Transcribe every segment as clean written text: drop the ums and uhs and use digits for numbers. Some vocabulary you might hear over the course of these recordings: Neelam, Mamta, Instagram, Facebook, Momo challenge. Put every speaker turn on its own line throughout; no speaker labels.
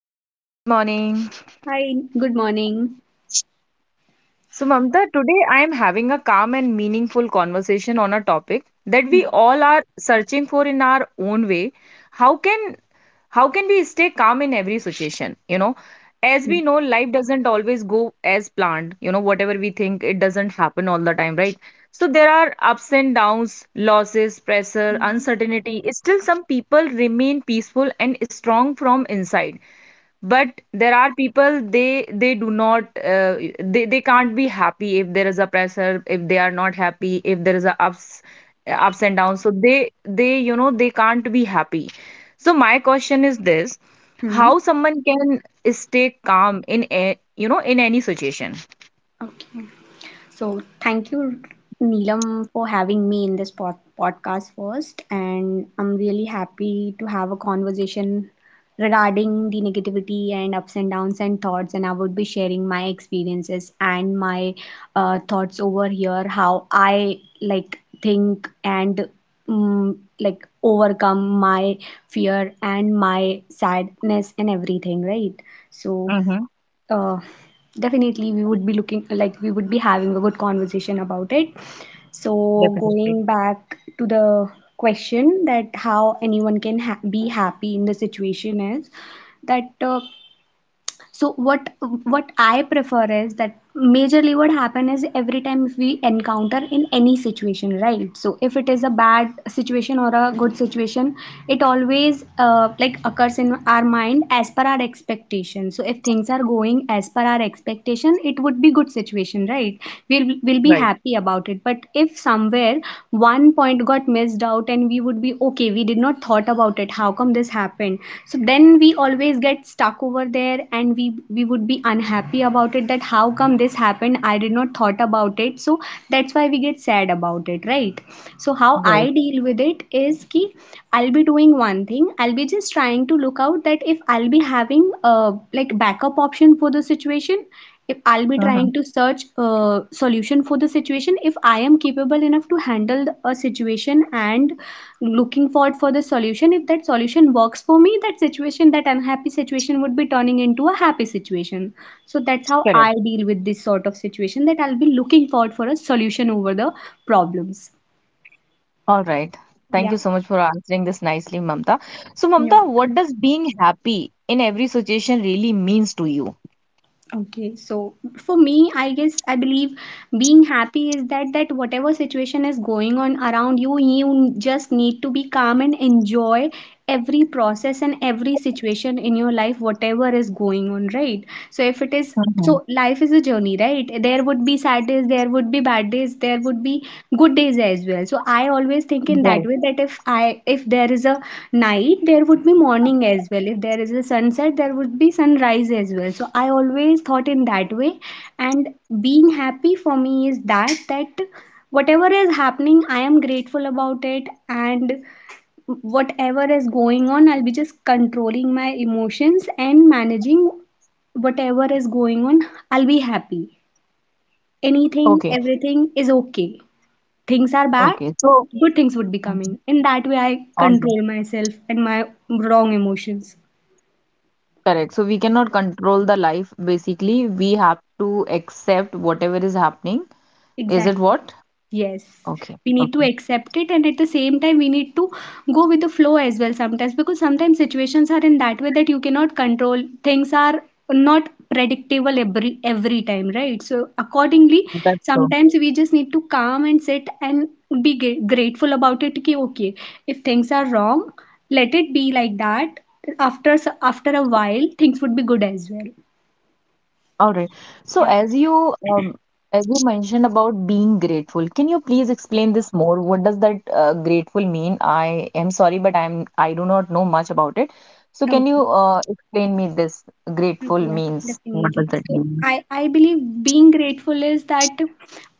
Hi Mamta, good morning.
Hi, good morning.
So Mamta, today I am having a calm and meaningful conversation on a topic that we
Hmm.
all are searching for in our own way. How can how can we stay calm in every situation? You know, as we
Hmm.
know, life doesn't always go as planned. You know, whatever we think, it doesn't happen all the time, right? So there are ups and downs, losses, pressure,
Hmm.
uncertainty. Still, some people remain peaceful and strong from inside, but there are people, they do not they can't be happy if there is a pressure, if they are not happy, if there is a ups and downs, so they they can't be happy. So my question is this:
Hmm.
how someone can stay calm in a, you know in any situation.
Okay. So thank you, Neelam, for having me in this podcast first. And I'm really happy to have a conversation regarding the negativity and ups and downs and thoughts. And I would be sharing my experiences and my thoughts over here, how I like think and like overcome my fear and my sadness and everything, right? So
Mm-hmm.
uh, definitely we would be looking like we would be having a good conversation about it, so
Definitely.
going back to the question that how anyone can be happy in the situation is that so what I prefer is that, majorly, what happen is every time if we encounter in any situation, right? So if it is a bad situation or a good situation, it always like occurs in our mind as per our expectation. So if things are going as per our expectation, it would be good situation, right? We'll be
Right.
happy about it. But if somewhere one point got missed, stressed out, and we would be okay, we did not thought about it, how come this happened. So then we always get stuck over there and we would be unhappy about it, that how come this happened, I did not thought about it. So that's why we get sad about it, right? So how I
Right.
deal with it is ki, I'll be doing one thing. I'll be just trying to look out that if I'll be having a, like, backup option for the situation, if I'll be
Mm-hmm.
trying to search a solution for the situation, if I am capable enough to handle a situation and looking forward for the solution. If that solution works for me, that situation, that unhappy situation, would be turning into a happy situation. So that's how I deal with this sort of situation, that I'll be looking forward for a solution over the problems.
All right. Thank you
Yeah.
so much for answering this nicely, Mamta. So,
Yeah.
Mamta, what does being happy in every situation really means to you?
Okay. So for me, I guess I believe being happy is that that whatever situation is going on around you, you just need to be calm and enjoy every process and every situation in your life, whatever is going on, right? So if it is, so
Mhm.
life is a journey, right? There would be sad days, there would be bad days, there would be good days as well. So I always think in that
Right.
way, that if there is a night, there would be morning as well. If there is a sunset, there would be sunrise as well. So I always thought in that way. And being happy for me is that that whatever is happening, I am grateful about it, and whatever is going on, I'll be just controlling my emotions and managing whatever is going on. I'll be happy. Anything,
Okay.
everything is okay. Things are bad,
Okay. So,
good things would be coming.
mhm,
In that way I
all right.
control myself and my wrong emotions.
Correct. So, we cannot control the life. Basically, we have to accept whatever is happening. Is it
Exactly.
what?
Yes,
Okay.
we need to
Okay.
accept it, and at the same time, we need to go with the flow as well sometimes, because sometimes situations are in that way that you cannot control. Things are not predictable every time, right? So accordingly,
That's so.
sometimes we just need to calm and sit and be grateful about it. Ki, okay, if things are wrong, let it be like that. After after a while, things would be good as well.
All right. So
Yeah.
as you mentioned about being grateful, can you please explain this more? What does that grateful mean? I am sorry, but I do not know much about it. So can
Okay.
you explain me this grateful
Yeah,
means? What does
definitely.
that
So
mean?
I believe being grateful is that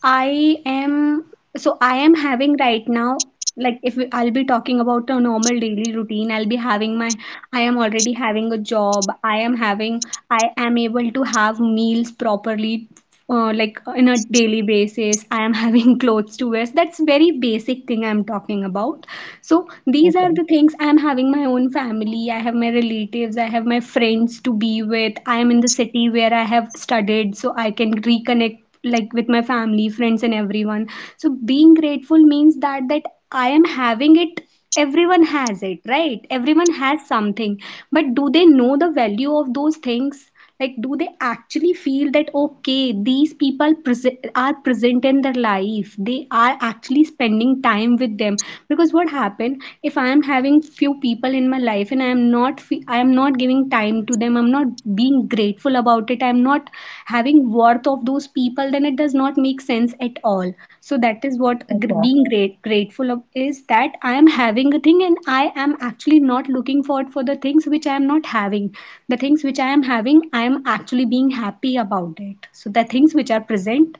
I am, so I am having right now, like if I'll be talking about a normal daily routine, I'll be having my, I am already having a job, I am having, I am able to have meals properly, like in a daily basis I am having clothes to wear. That's very basic thing I'm talking about. So these are
Okay.
the things I'm having, my own family, I have my relatives, I have my friends to be with. I am in the city where I have studied, so I can reconnect, like, with my family, friends, and everyone. So being grateful means that that I am having it. Everyone has it, right? Everyone has something, but do they know the value of those things? Like, do they actually feel that, okay, these people are present in their life, they are actually spending time with them? Because what happened, if I am having few people in my life and I am not I am not giving time to them, I'm not being grateful about it, I'm not having worth of those people, then it does not make sense at all. So that is what being great grateful of is, that I am having a thing and I am actually not looking forward for the things which I am not having. The things which I am having, I am actually being happy about it. So the things which are present,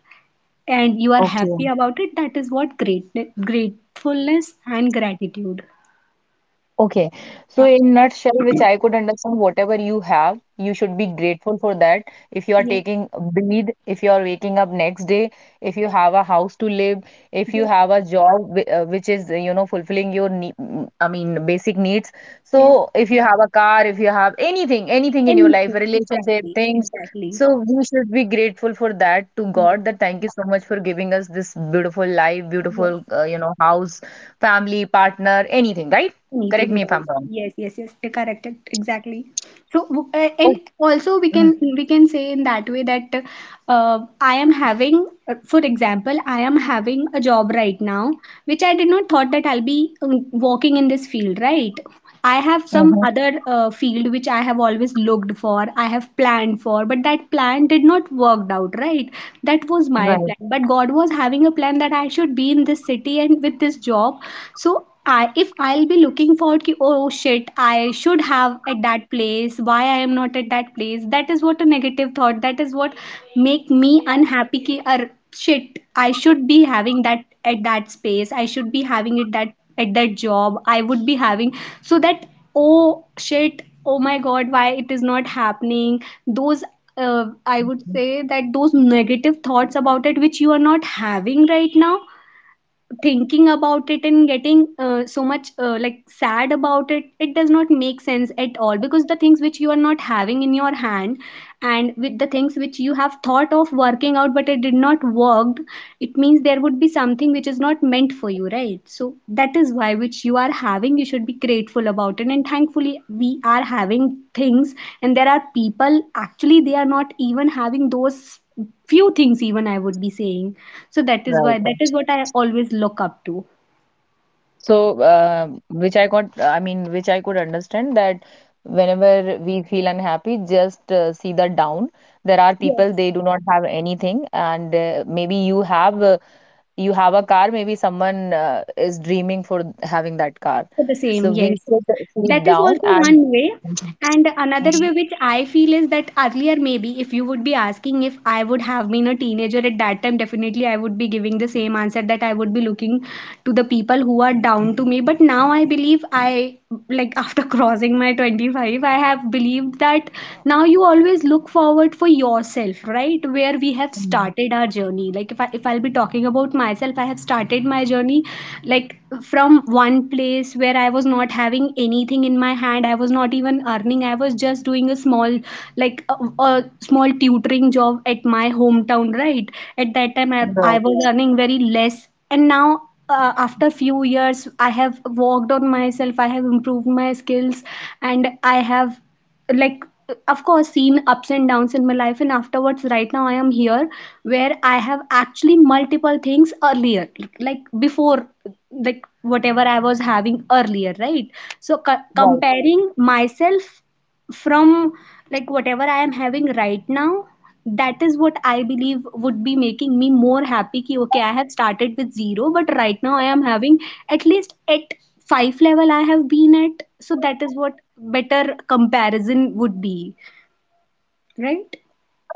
and you are
Okay.
happy about it, that is what great gratefulness and gratitude.
Okay, so
Yeah.
in nutshell, which I could understand, whatever you have, you should be grateful for that. If you are
Yes.
taking a breathe, if you are waking up next day, if you have a house to live, if you
Yes.
have a job which is you know fulfilling your I mean basic needs.
Yes.
So if you have a car, if you have anything, anything in
And
your life,
music.
a relationship,
Exactly.
things.
Exactly.
So we should be grateful for that to
Yes.
God. That thank you so much for giving us this beautiful life,
Yes.
beautiful you know house, family, partner, anything, right?
Meeting
Correct me if
right.
I'm wrong.
Yes, yes, yes. You're correct. Exactly. So, and
Oh.
also we can
Mhm,
we can say in that way that, uh, I am having, for example, I am having a job right now, which I did not thought that I'll be working in this field, right? I have some
mhm.
other field which I have always looked for, I have planned for, but that plan did not worked out, right? That was my plan.
Right,
But God was having a plan that I should be in this city and with this job. So I, if I'll be looking forward, ki, oh shit, I should have at that place, why I am not at that place, that is what a negative thought, that is what make me unhappy, ki, ar, shit, I should be having that at that space, I should be having it, that at that job I would be having, so that, oh shit, oh my god, why it is not happening, those, I would say that those negative thoughts about it which you are not having right now, thinking about it and getting so much like sad about it, it does not make sense at all. Because the things which you are not having in your hand, and with the things which you have thought of working out but it did not work, it means there would be something which is not meant for you, right? So that is why, which you are having, you should be grateful about it, and thankfully we are having things, and there are people actually, they are not even having those few things even, I would be saying. So that is
right,
why, that
right.
is what I always look up to.
So, which I got, I mean, which I could understand that whenever we feel unhappy, just see the down. There are people
Yes.
they do not have anything, and maybe you have a car. Maybe someone is dreaming for having that car.
For the
So
same,
we
yes.
should see it
That is
down
also one
and
way.
mhm,
And another
mhm,
way which I feel is that, earlier, maybe if you would be asking, if I would have been a teenager at that time, definitely I would be giving the same answer, that I would be looking to the people who are down to me. But now I believe I, like, after crossing my 25, I have believed that now you always look forward for yourself, right? Where we have
mhm.
started our journey, like if I'll be talking about myself, I have started my journey, like, from one place where I was not having anything in my hand. I was not even earning. I was just doing a small, like a small tutoring job at my hometown, right? At that time, I
Right,
was earning very less. And now, after few years, I have worked on myself, I have improved my skills, and I have, like, of course, seen ups and downs in my life. And afterwards, right now I am here, where I have actually multiple things earlier, like before, like whatever I was having earlier, right? So
right.
comparing myself from, like, whatever I am having right now, that is what I believe would be making me more happy. Ki, okay, I have started with zero, but right now I am having at least at five level I have been at. So that is what better comparison would be, right?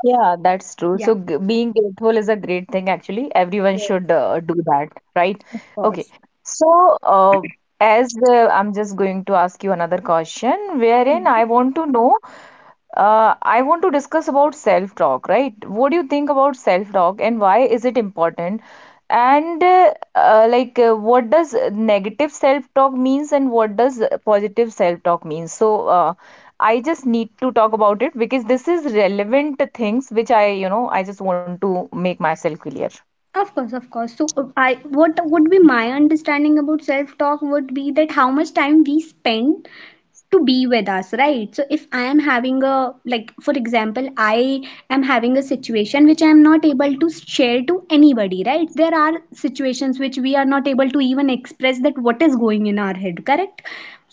Yeah, that's true.
Yeah.
So g being grateful is a great thing, actually. Everyone
Yes,
should do that, right?
of
Okay.
course.
So, uh, as I'm just going to ask you another question, wherein
Mhm.
I want to know I want to discuss about self-talk, right? What do you think about self-talk and why is it important? And what does negative self-talk means and what does positive self-talk means? So, I just need to talk about it because this is relevant things which I, you know, I just want to make myself clear.
Of course, of course. So, I what would be my understanding about self talk would be that how much time we spend to be with us, right? So if I am having a, like for example, I am having a situation which I am not able to share to anybody, right? There are situations which we are not able to even express, that what is going in our head, correct?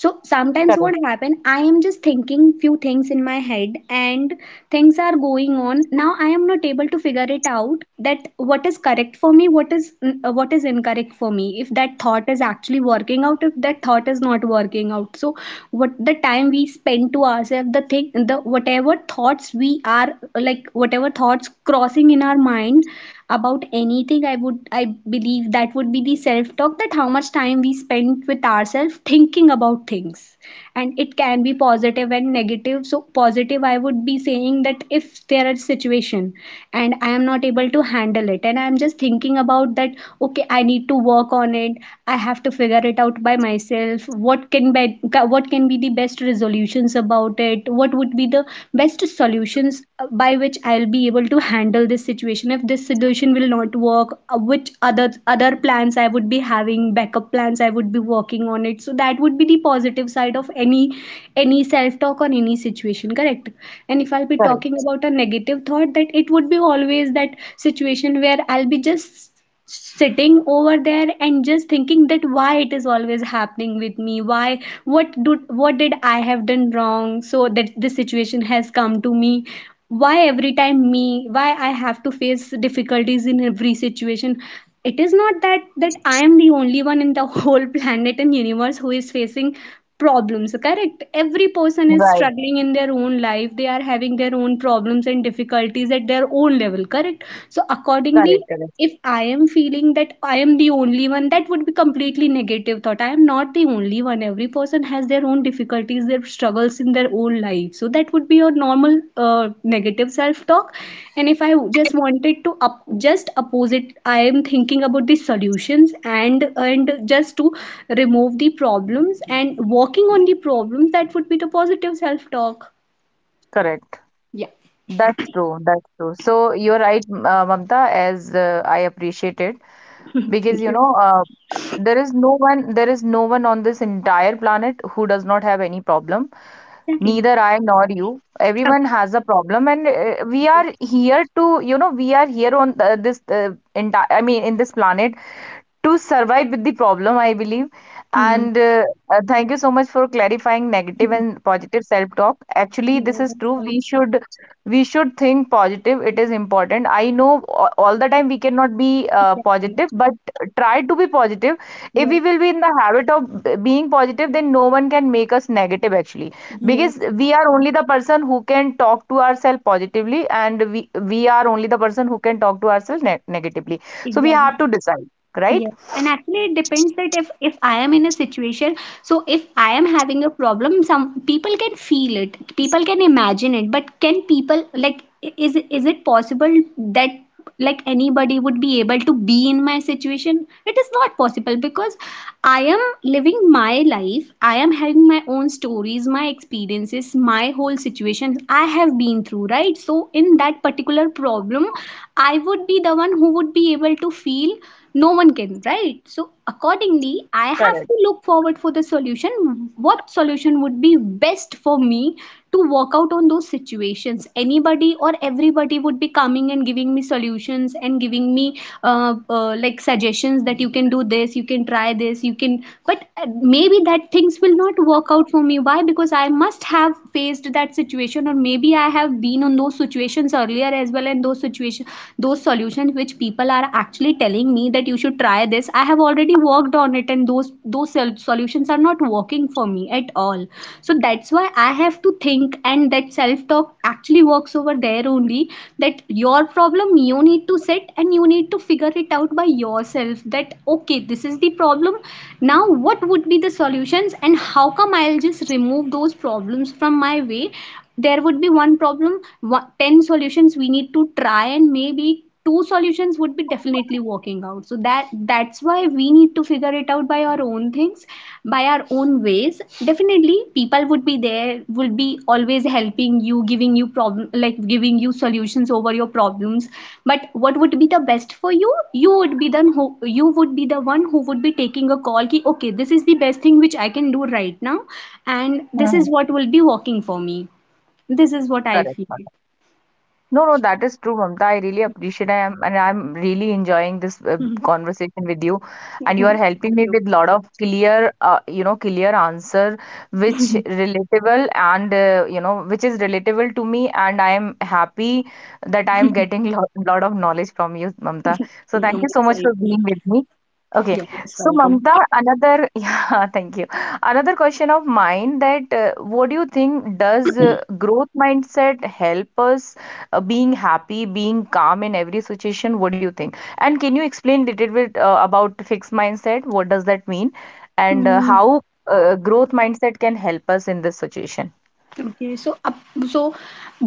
So sometimes what
Correct,
happen, I am just thinking few things in my head and things are going on. Now I am not able to figure it out that what is correct for me, what is incorrect for me, if that thought is actually working out, if that thought is not working out. So what the time we spend to ourselves, the thing, the whatever thoughts we are, like whatever thoughts crossing in our mind about anything, I would, I believe that would be the self talk, that how much time we spend with ourselves thinking about things. And it can be positive and negative. So positive I would be saying that if there are situation and I am not able to handle it and I am just thinking about that, okay, I need to work on it, I have to figure it out by myself, what can be, what can be the best resolutions about it, what would be the best solutions by which I'll be able to handle this situation. If this solution will not work, which other plans I would be having, backup plans I would be working on it. So that would be the positive side of any self talk on any situation, correct? And if I'll be talking
correct,
about a negative thought, that it would be always that situation where I'll be just sitting over there and just thinking that why it is always happening with me, why, what do, what did I have done wrong so that this situation has come to me, why every time me, why I have to face difficulties in every situation. It is not that that I am the only one in the whole planet and universe who is facing problems, correct? Every person is
right,
struggling in their own life. They are having their own problems and difficulties at their own level, correct? So accordingly,
correct, correct,
if I am feeling that I am the only one, that would be completely negative thought. I am not the only one. Every person has their own difficulties, their struggles in their own life. So that would be your normal negative self talk. And if I just wanted to up, just opposite, I am thinking about the solutions and just to remove the problems and working on the problems. That would be the positive self talk.
correct.
Yeah.
That's true, that's true. So you're right, Mamta, as I appreciate it because
Thank
you
you.
know, there is no one, there is no one on this entire planet who does not have any problem.
Exactly.
Neither I nor you. Everyone has a problem, and we are here to, you know, we are here on this entire, I mean, in this planet to survive with the problem, I believe.
Hmm.
And thank you so much for clarifying negative and positive self-talk. Actually, this
Yeah,
is
that's
true.
right.
We should think positive. It is important. I know all the time we cannot be
Exactly.
positive, but try to be positive. If we
Yes.
will be in the habit of being positive, then no one can make us negative actually,
Yes.
because we are only the person who can talk to ourselves positively, and we are only the person who can talk to ourselves ne negatively. So we
Exactly.
have to decide, right?
Yes. And actually, it depends that if I am in a situation, so if I am having a problem, some people can feel it, people can imagine it, but can people like I- is it possible that like anybody would be able to be in my situation? It is not possible, because I am living my life, I am having my own stories, my experiences, my whole situations I have been through, right? So in that particular problem, I would be the one who would be able to feel, no one can, right? So
correct.
accordingly, I have to look forward for the solution, what solution would be best for me to work out on those situations. Anybody or everybody would be coming and giving me solutions and giving me like suggestions that you can do this, you can try this, you can, but maybe that things will not work out for me. Why? Because I must have faced that situation or maybe I have been on those situations earlier as well, and those situations, those solutions which people are actually telling me that you should try this, I have already worked on it, and those solutions are not working for me at all. So that's why I have to think, and that self talk actually works over there only, that your problem, you need to sit and you need to figure it out by yourself, that okay, this is the problem, now what would be the solutions, and how come I'll just remove those problems from my way. There would be one problem, one, 10 solutions we need to try, and maybe two solutions would be definitely working out. So that's why we need to figure it out by our own things, by our own ways. Definitely people would be, there would be always helping you, giving you problem, like giving you solutions over your problems, but what would be the best for you, you would be the who, you would be the one who would be taking a call ki okay, this is the best thing which I can do right now, and
hmm,
this
hmm.
is what will be working for me. This is what I feel.
Correct. No, no, that is true, Mamta. I really appreciate I am and I'm really enjoying this conversation with you and you are
you,
helping me
you're
with lot of clear you know clear answer which relatable and you know which is relatable to me and I am happy that I am getting lot of knowledge from you, Mamta. So thank you so
most
much for
welcome.
being with me. Okay,
You're most
so
welcome.
Mamta, another yeah, thank you. Another question of mine that what do you think does growth mindset help us? Being happy, being calm in every situation? What do you think? And can you explain little bit about fixed mindset? What does that mean? And
Mm,
how growth mindset can help us in this situation?
okay, so up, so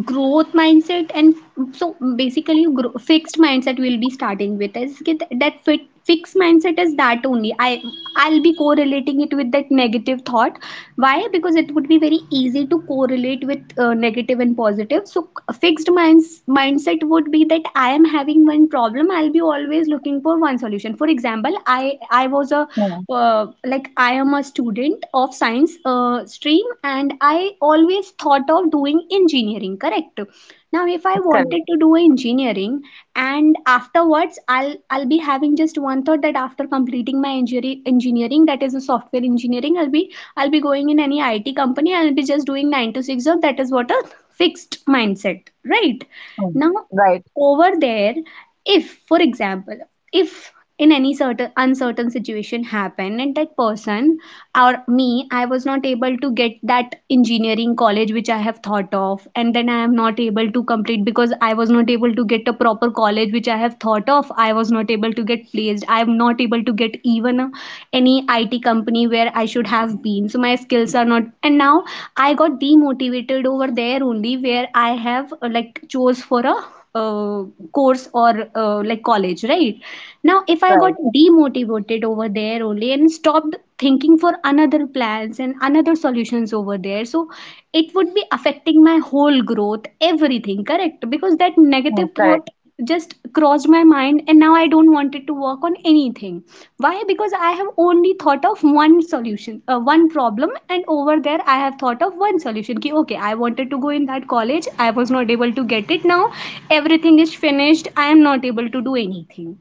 growth mindset and, so basically grow, fixed mindset we'll be starting with, is get that fit, fixed mindset is that only. I'll be correlating it with that negative thought. Why? Because it would be very easy to correlate with negative and positive. So a fixed minds mindset would be that I am having one problem, I'll be always looking for one solution. For example, I was a
Hmm.
like, I am a student of science stream, and I always thought of doing engineering, correct? Now, if I
Correct.
wanted to do engineering and afterwards I'll be having just one thought that after completing my engineering, that is a software engineering, I'll be going in any IT company, I'll be just doing 9 to 6 job. That is what a fixed mindset, right?
Hmm.
Now
Right.
over there, if for example, if in any certain uncertain situation happen and that person or me, I was not able to get that engineering college which I have thought of, and then I am not able to complete because I was not able to get a proper college which I have thought of, I was not able to get placed, I am not able to get even a, any IT company where I should have been, so my skills are not, and now I got demotivated over there only, where I have like chose for a uh, course or like college, right? Now, if I got
Right.
demotivated over there only and stopped thinking for another plans and another solutions over there, so it would be affecting my whole growth, everything, correct? Because that
Hmm.
negative
Correct.
thought just crossed my mind, and now I don't want it to work on anything. Why? Because I have only thought of one solution, one problem, and over there I have thought of one solution. Ki, okay, I wanted to go in that college, I was not able to get it. Now everything is finished, I am not able to do anything.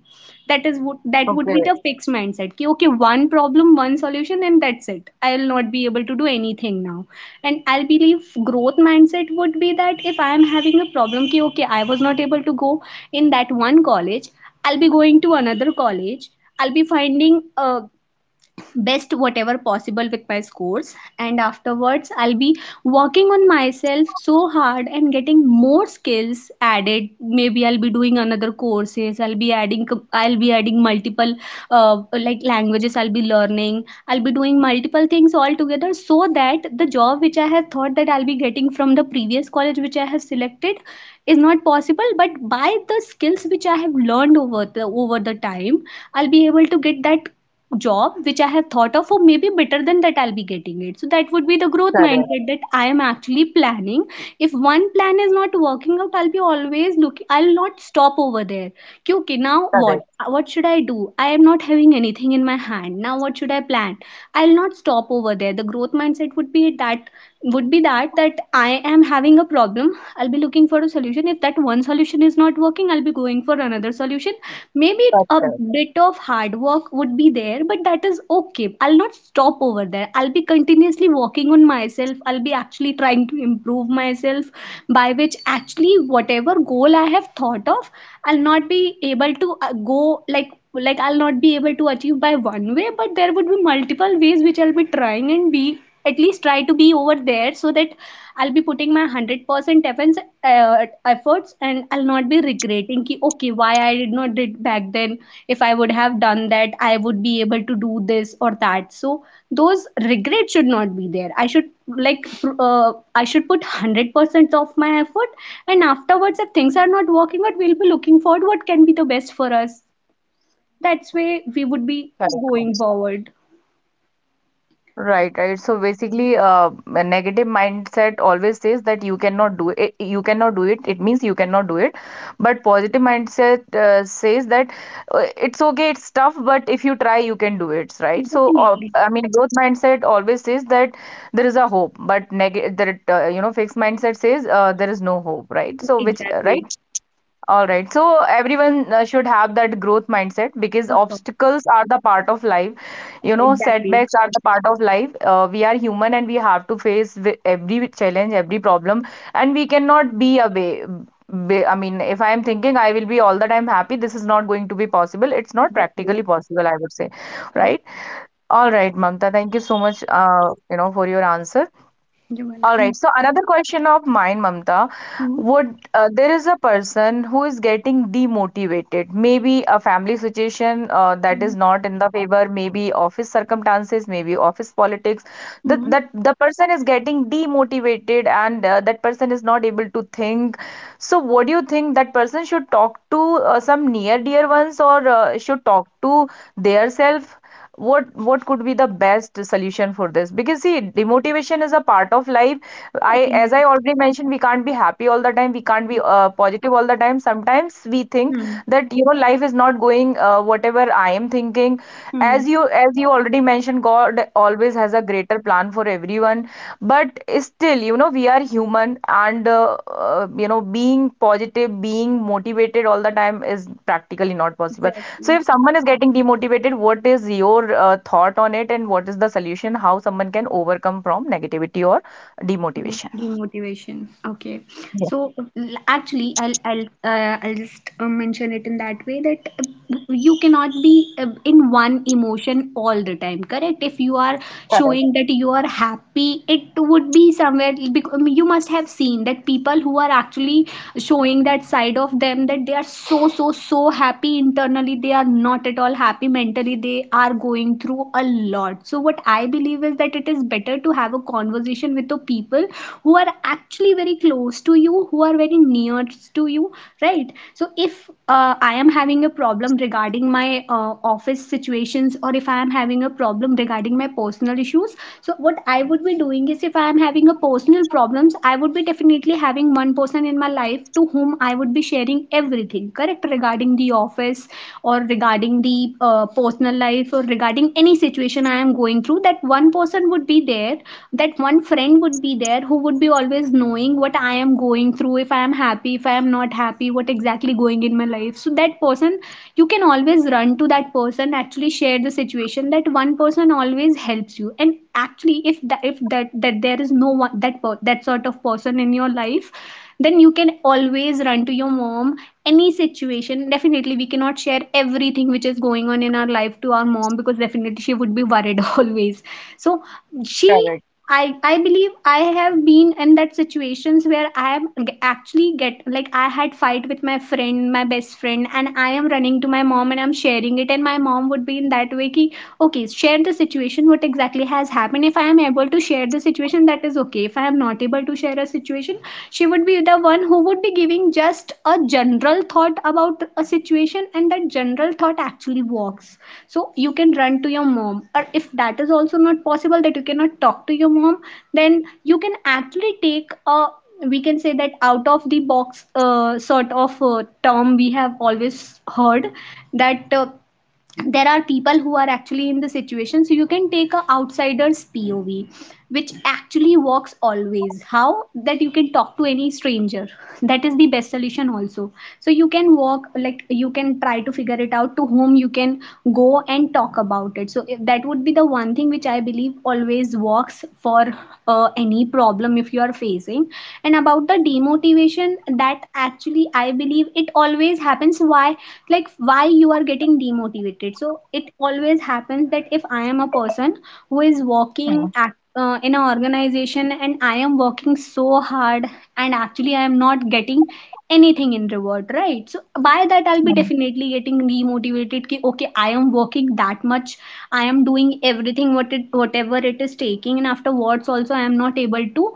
That is would, that would be
Okay.
the fixed mindset ki, okay, one problem, one solution, and that's it, I will not be able to do anything now. And I believe growth mindset would be that if I am having a problem ki, okay, I was not able to go in that one college, I'll be going to another college, I'll be finding a best whatever possible with my scores, and afterwards I'll be working on myself so hard and getting more skills added, maybe I'll be doing another courses, I'll be adding multiple like languages I'll be learning, I'll be doing multiple things all together, so that the job which I have thought that I'll be getting from the previous college which I have selected is not possible, but by the skills which I have learned over the time, I'll be able to get that job which I have thought of, or maybe better than that I'll be getting it. So that would be the growth
Correct.
mindset, that I am actually planning. If one plan is not working out, I'll be always looking, I'll not stop over there. कि, okay, now what? What should I do? I am not having anything in my hand. Now what should I plan? I'll not stop over there. The growth mindset would be that that I am having a problem, I'll be looking for a solution. If that one solution is not working, I'll be going for another solution. Maybe
That's
a
correct.
bit of hard work would be there, but that is okay. I'll not stop over there. I'll be continuously working on myself. I'll be actually trying to improve myself, by which actually whatever goal I have thought of, I'll not be able to go like I'll not be able to achieve by one way, but there would be multiple ways which I'll be trying and be at least try to be over there so that I'll be putting my 100% efforts and I'll not be regretting ki, okay, why I did not did back then. If I would have done that, I would be able to do this or that. So those regrets should not be there. I should put 100% of my effort, and afterwards if things are not working out, we'll be looking forward what can be the best for us. That's way we would
Correct.
be going forward.
Right, right. So basically, a negative mindset always says that you cannot do it. You cannot do it. It means you cannot do it. But positive mindset says that it's okay, it's tough, but if you try, you can do it. Right. So,
Definitely.
I mean, growth mindset always says that there is a hope, but negative, that you know, fixed mindset says there is no hope. Right. So, which right?
Exactly.
All right. So everyone should have that growth mindset because
Of course.
obstacles are the part of life. You know,
Exactly.
setbacks are the part of life. We are human and we have to face every challenge, every problem, and we cannot be away. I mean, if I am thinking I will be all the time happy, this is not going to be possible. It's not practically
Exactly.
possible, I would say.
Correct.
Right? All right, Mamta. Thank you so much, you know, for your answer.
You're
All right.
welcome.
So another question of mine, Mamta,
Mm-hmm.
would there is a person who is getting demotivated? Maybe a family situation that is not in the favor, maybe office circumstances, maybe office politics. That
Mm-hmm.
that the person is getting demotivated, and that person is not able to think. So, what do you think that person should talk to? Some near dear ones or should talk to their self, what could be the best solution for this, because see demotivation is a part of life. I, as
Definitely.
I already mentioned, we can't be happy all the time. We can't be
Yeah.
positive all the time. Sometimes we think
Mm-hmm.
that, you know, life is not going whatever I am thinking. As you already mentioned, God always has a greater plan for everyone, but still, you know, we are human, and you know, being positive, being motivated all the time is practically not possible. So
Exactly.
if someone is getting demotivated, what is your thought on it, and what is the solution? How someone can overcome from negativity or demotivation?
Demotivation. Okay.
Yes,
So actually, I'll just mention it in that way that you cannot be in one emotion all the time, correct? If you are
correct,
showing that you are happy, it would be somewhere, because you must have seen that people who are actually showing that side of them that they are so so so happy internally, they are not at all happy mentally. They are going through a lot. So what I believe is that it is better to have a conversation with the people who are actually very close to you, who are very near to you, right? So if I am having a problem regarding my office situations, or if I am having a problem regarding my personal issues, so what I would be doing is, if I am having a personal problems, I would be definitely having one person in my life to whom I would be sharing everything, correct, regarding the office or regarding the personal life or regarding any situation I am going through. That one person would be there. That one friend would be there who would be always knowing what I am going through, if I am happy, if I am not happy, what exactly going in my life. So that person, you can always run to that person, actually share the situation. That one person always helps you. And actually if that there is no one, that sort of person in your life, then you can always run to your mom. Any situation, definitely we cannot share everything which is going on in our life to our mom, because definitely she would be worried always. So she—
correct.
I believe I have been in that situations where I am actually get, like I had fight with my friend, my best friend, and I am running to my mom and I'm sharing it, and my mom would be in that way ki, okay, share the situation, what exactly has happened. If I am able to share the situation, that is okay. If I am not able to share a situation, she would be the one who would be giving just a general thought about a situation, and that general thought actually works. So you can run to your mom, or if that is also not possible, that you cannot talk to your mom, then you can actually take a— we can say that out of the box sort of term we have always heard, that there are people who are actually in the situation, so you can take a outsider's pov, which actually works always. How? That you can talk to any stranger. That is the best solution also. So you can walk, like you can try to figure it out to whom you can go and talk about it. So that would be the one thing which I believe always works for any problem if you are facing. And about the demotivation, that actually I believe it always happens. Why? Like, why you are getting demotivated. So it always happens that if I am a person who is
Hmm,
working at in an organization, and I am working so hard and actually I am not getting anything in reward, right? So by that I'll
hmm,
be definitely getting demotivated ki, okay, I am working that much, I am doing everything what it, whatever it is taking, and afterwards also I am not able to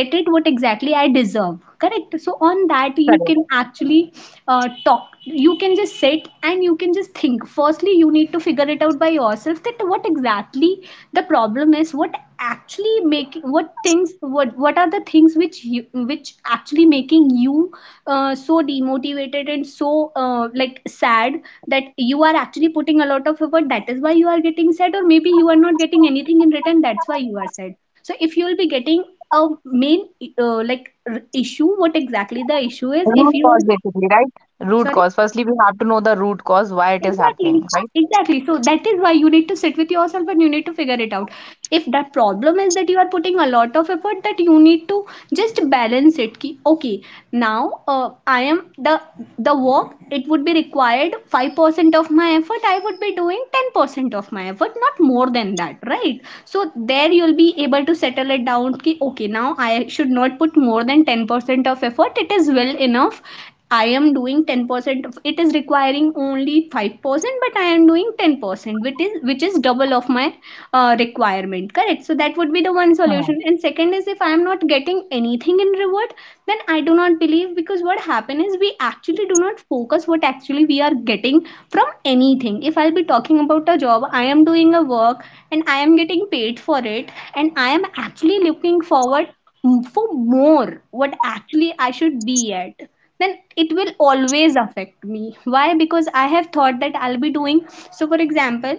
get it what exactly I deserve, correct? So on that you
correct.
can actually talk, you can just sit and you can just think. Firstly, you need to figure it out by yourself that what exactly the problem is, what actually make, what things, what are the things which you, which actually making you so demotivated and so like sad. That you are actually putting a lot of effort, that is why you are getting sad, or maybe you are not getting anything in return, that's why you are sad. So if you will be getting a main like issue what exactly the issue is, if
Root
you are—
cause basically, right? Root
sorry.
cause firstly we have to know the root cause why it is happening,
Exactly.
right?
Exactly. So that is why you need to sit with yourself and you need to figure it out. If that problem is that you are putting a lot of effort, that you need to just balance it. Ki, okay, now I am the work. It would be required 5% of my effort. I would be doing 10% of my effort, not more than that, right? So there you'll be able to settle it down. Ki, okay, now I should not put more than 10% of effort. It is well enough. I am doing 10% of it is requiring only 5%, but I am doing 10%, which is double of my requirement, correct? So that would be the one
Hmm.
solution. And second is, if I am not getting anything in reward, then I do not believe, because what happen is, we actually do not focus what actually we are getting from anything. If I'll be talking about a job, I am doing a work and I am getting paid for it, and I am actually looking forward for more what actually I should be at, then it will always affect me. Why? Because I have thought that I'll be doing— so for example,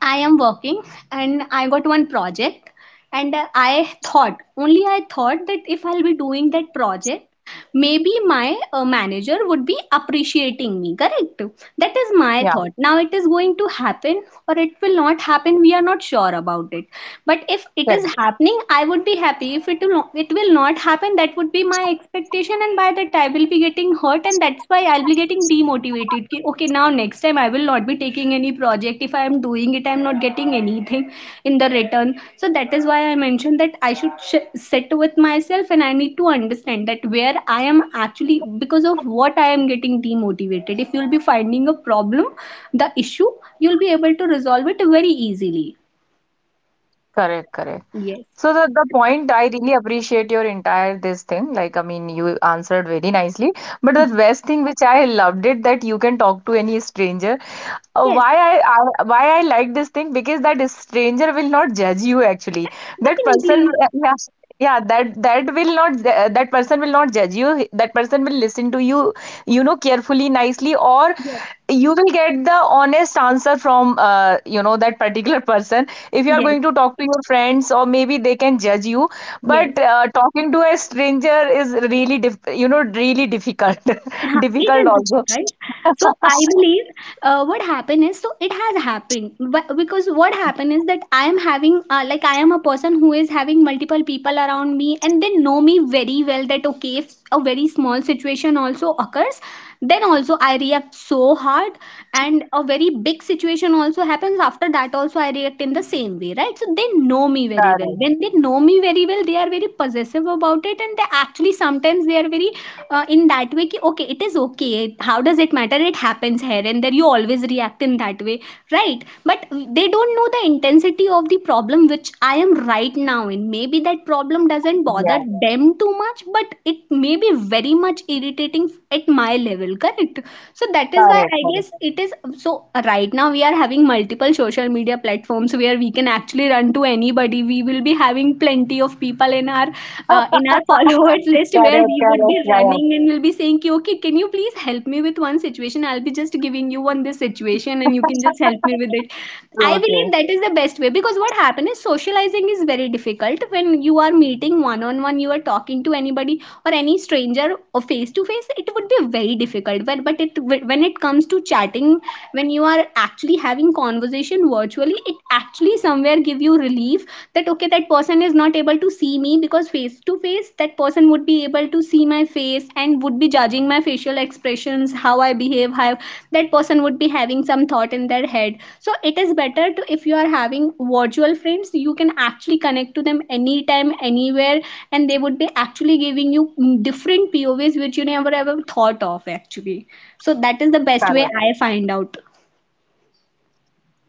I am working and I got one project, and I thought, only I thought, that if I'll be doing that project, maybe my manager would be appreciating me, correct? That is my
Yeah,
thought. Now, it is going to happen or it will not happen, we are not sure about it. But if it is
correct.
happening I would be happy. If it will not, it will not happen, that would be my expectation, and by that I will be getting hurt, and that's why I'll be getting demotivated कि, okay, now next time I will not be taking any project, if I am doing it I am not getting anything in the return. So that is why I mentioned that I should sit with myself, and I need to understand that where I am actually, because of what I am getting demotivated. If you'll be finding a problem, the issue, you'll be able to resolve it very easily.
Correct, correct.
Yes.
So the point, I really appreciate your entire this thing. Like I mean, you answered very nicely. But the best thing which I loved it, that you can talk to any stranger.
Yes.
Why I like this thing because that stranger will not judge you actually. That person
Definitely.
yeah, yeah, that that will not that person will not judge you. That person will listen to you, you know, carefully nicely, or
Yes.
you will get the honest answer from you know that particular person. If you are
Yes.
going to talk to your friends, or maybe they can judge you,
Yes.
but talking to a stranger is really you know really difficult
Yeah, it
difficult
is
also.
different, right? So I believe what happened is, so it has happened, but because what happened is that I am having like, I am a person who is having multiple people around me, and they know me very well, that okay, if a very small situation also occurs, then also I react so hard, and a very big situation also happens, after that also I react in the same way, right? So they know me very well.
Correct,
When they know me very well, they are very possessive about it, and they actually sometimes they are very in that way ki, okay, it is okay, how does it matter, it happens here and there, you always react in that way, right? But they don't know the intensity of the problem which I am right now in. Maybe that problem doesn't bother
yeah,
them too much, but it may be very much irritating at my level, correct? So that is why
correct,
I
correct,
guess it is— so right now we are having multiple social media platforms where we can actually run to anybody. We will be having plenty of people in our followers
correct,
list where
correct,
we would be
correct,
running, and we'll be saying, "Ki, okay, can you please help me with one situation? I'll be just giving you one this situation and you can just help me with it." I
true,
believe
true,
that is the best way, because what happened is, socializing is very difficult. When you are meeting one on one, you are talking to anybody or any stranger or face to face, it would be very difficult. But it, when it comes to chatting, when you are actually having conversation virtually, it actually somewhere give you relief that okay, that person is not able to see me. Because face to face, that person would be able to see my face, and would be judging my facial expressions, how I behave, how that person would be having some thought in their head. So it is better to, if you are having virtual friends, you can actually connect to them anytime anywhere, and they would be actually giving you different povs which you never ever thought of actually. So that is the best way
correct.
I find out.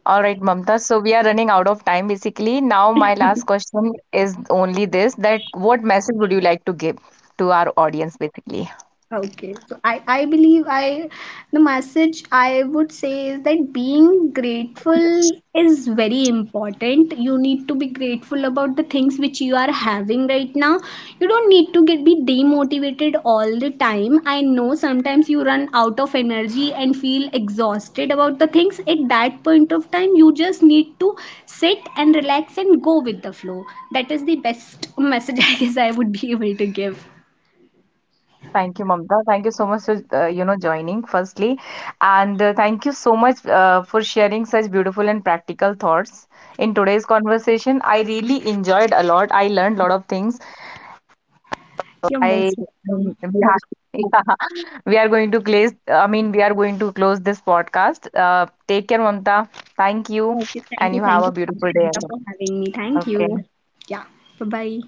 All right, Mamta. So we are running out of time basically. Now, my last question is only this, that what message would you like to give to our audience basically?
Okay, so I believe I— the message I would say is that being grateful is very important. You need to be grateful about the things which you are having right now. You don't need to get be demotivated all the time. I know sometimes you run out of energy and feel exhausted about the things. At that point of time, you just need to sit and relax and go with the flow. That is the best message I guess I would be able to give.
Thank you, Mamta. Thank you so much for you know joining firstly, and thank you so much for sharing such beautiful and practical thoughts in today's conversation. I really enjoyed a lot. I learned a lot of things. I
You're
we
most
are,
welcome.
yeah, we are going to close. I mean, we are going to close this podcast. Take care, Mamta. Thank you, and you have a beautiful day
Okay,
ahead.
thank you,
Okay,
Sunita, for having me. Thank you.
thank you.
Yeah, bye bye.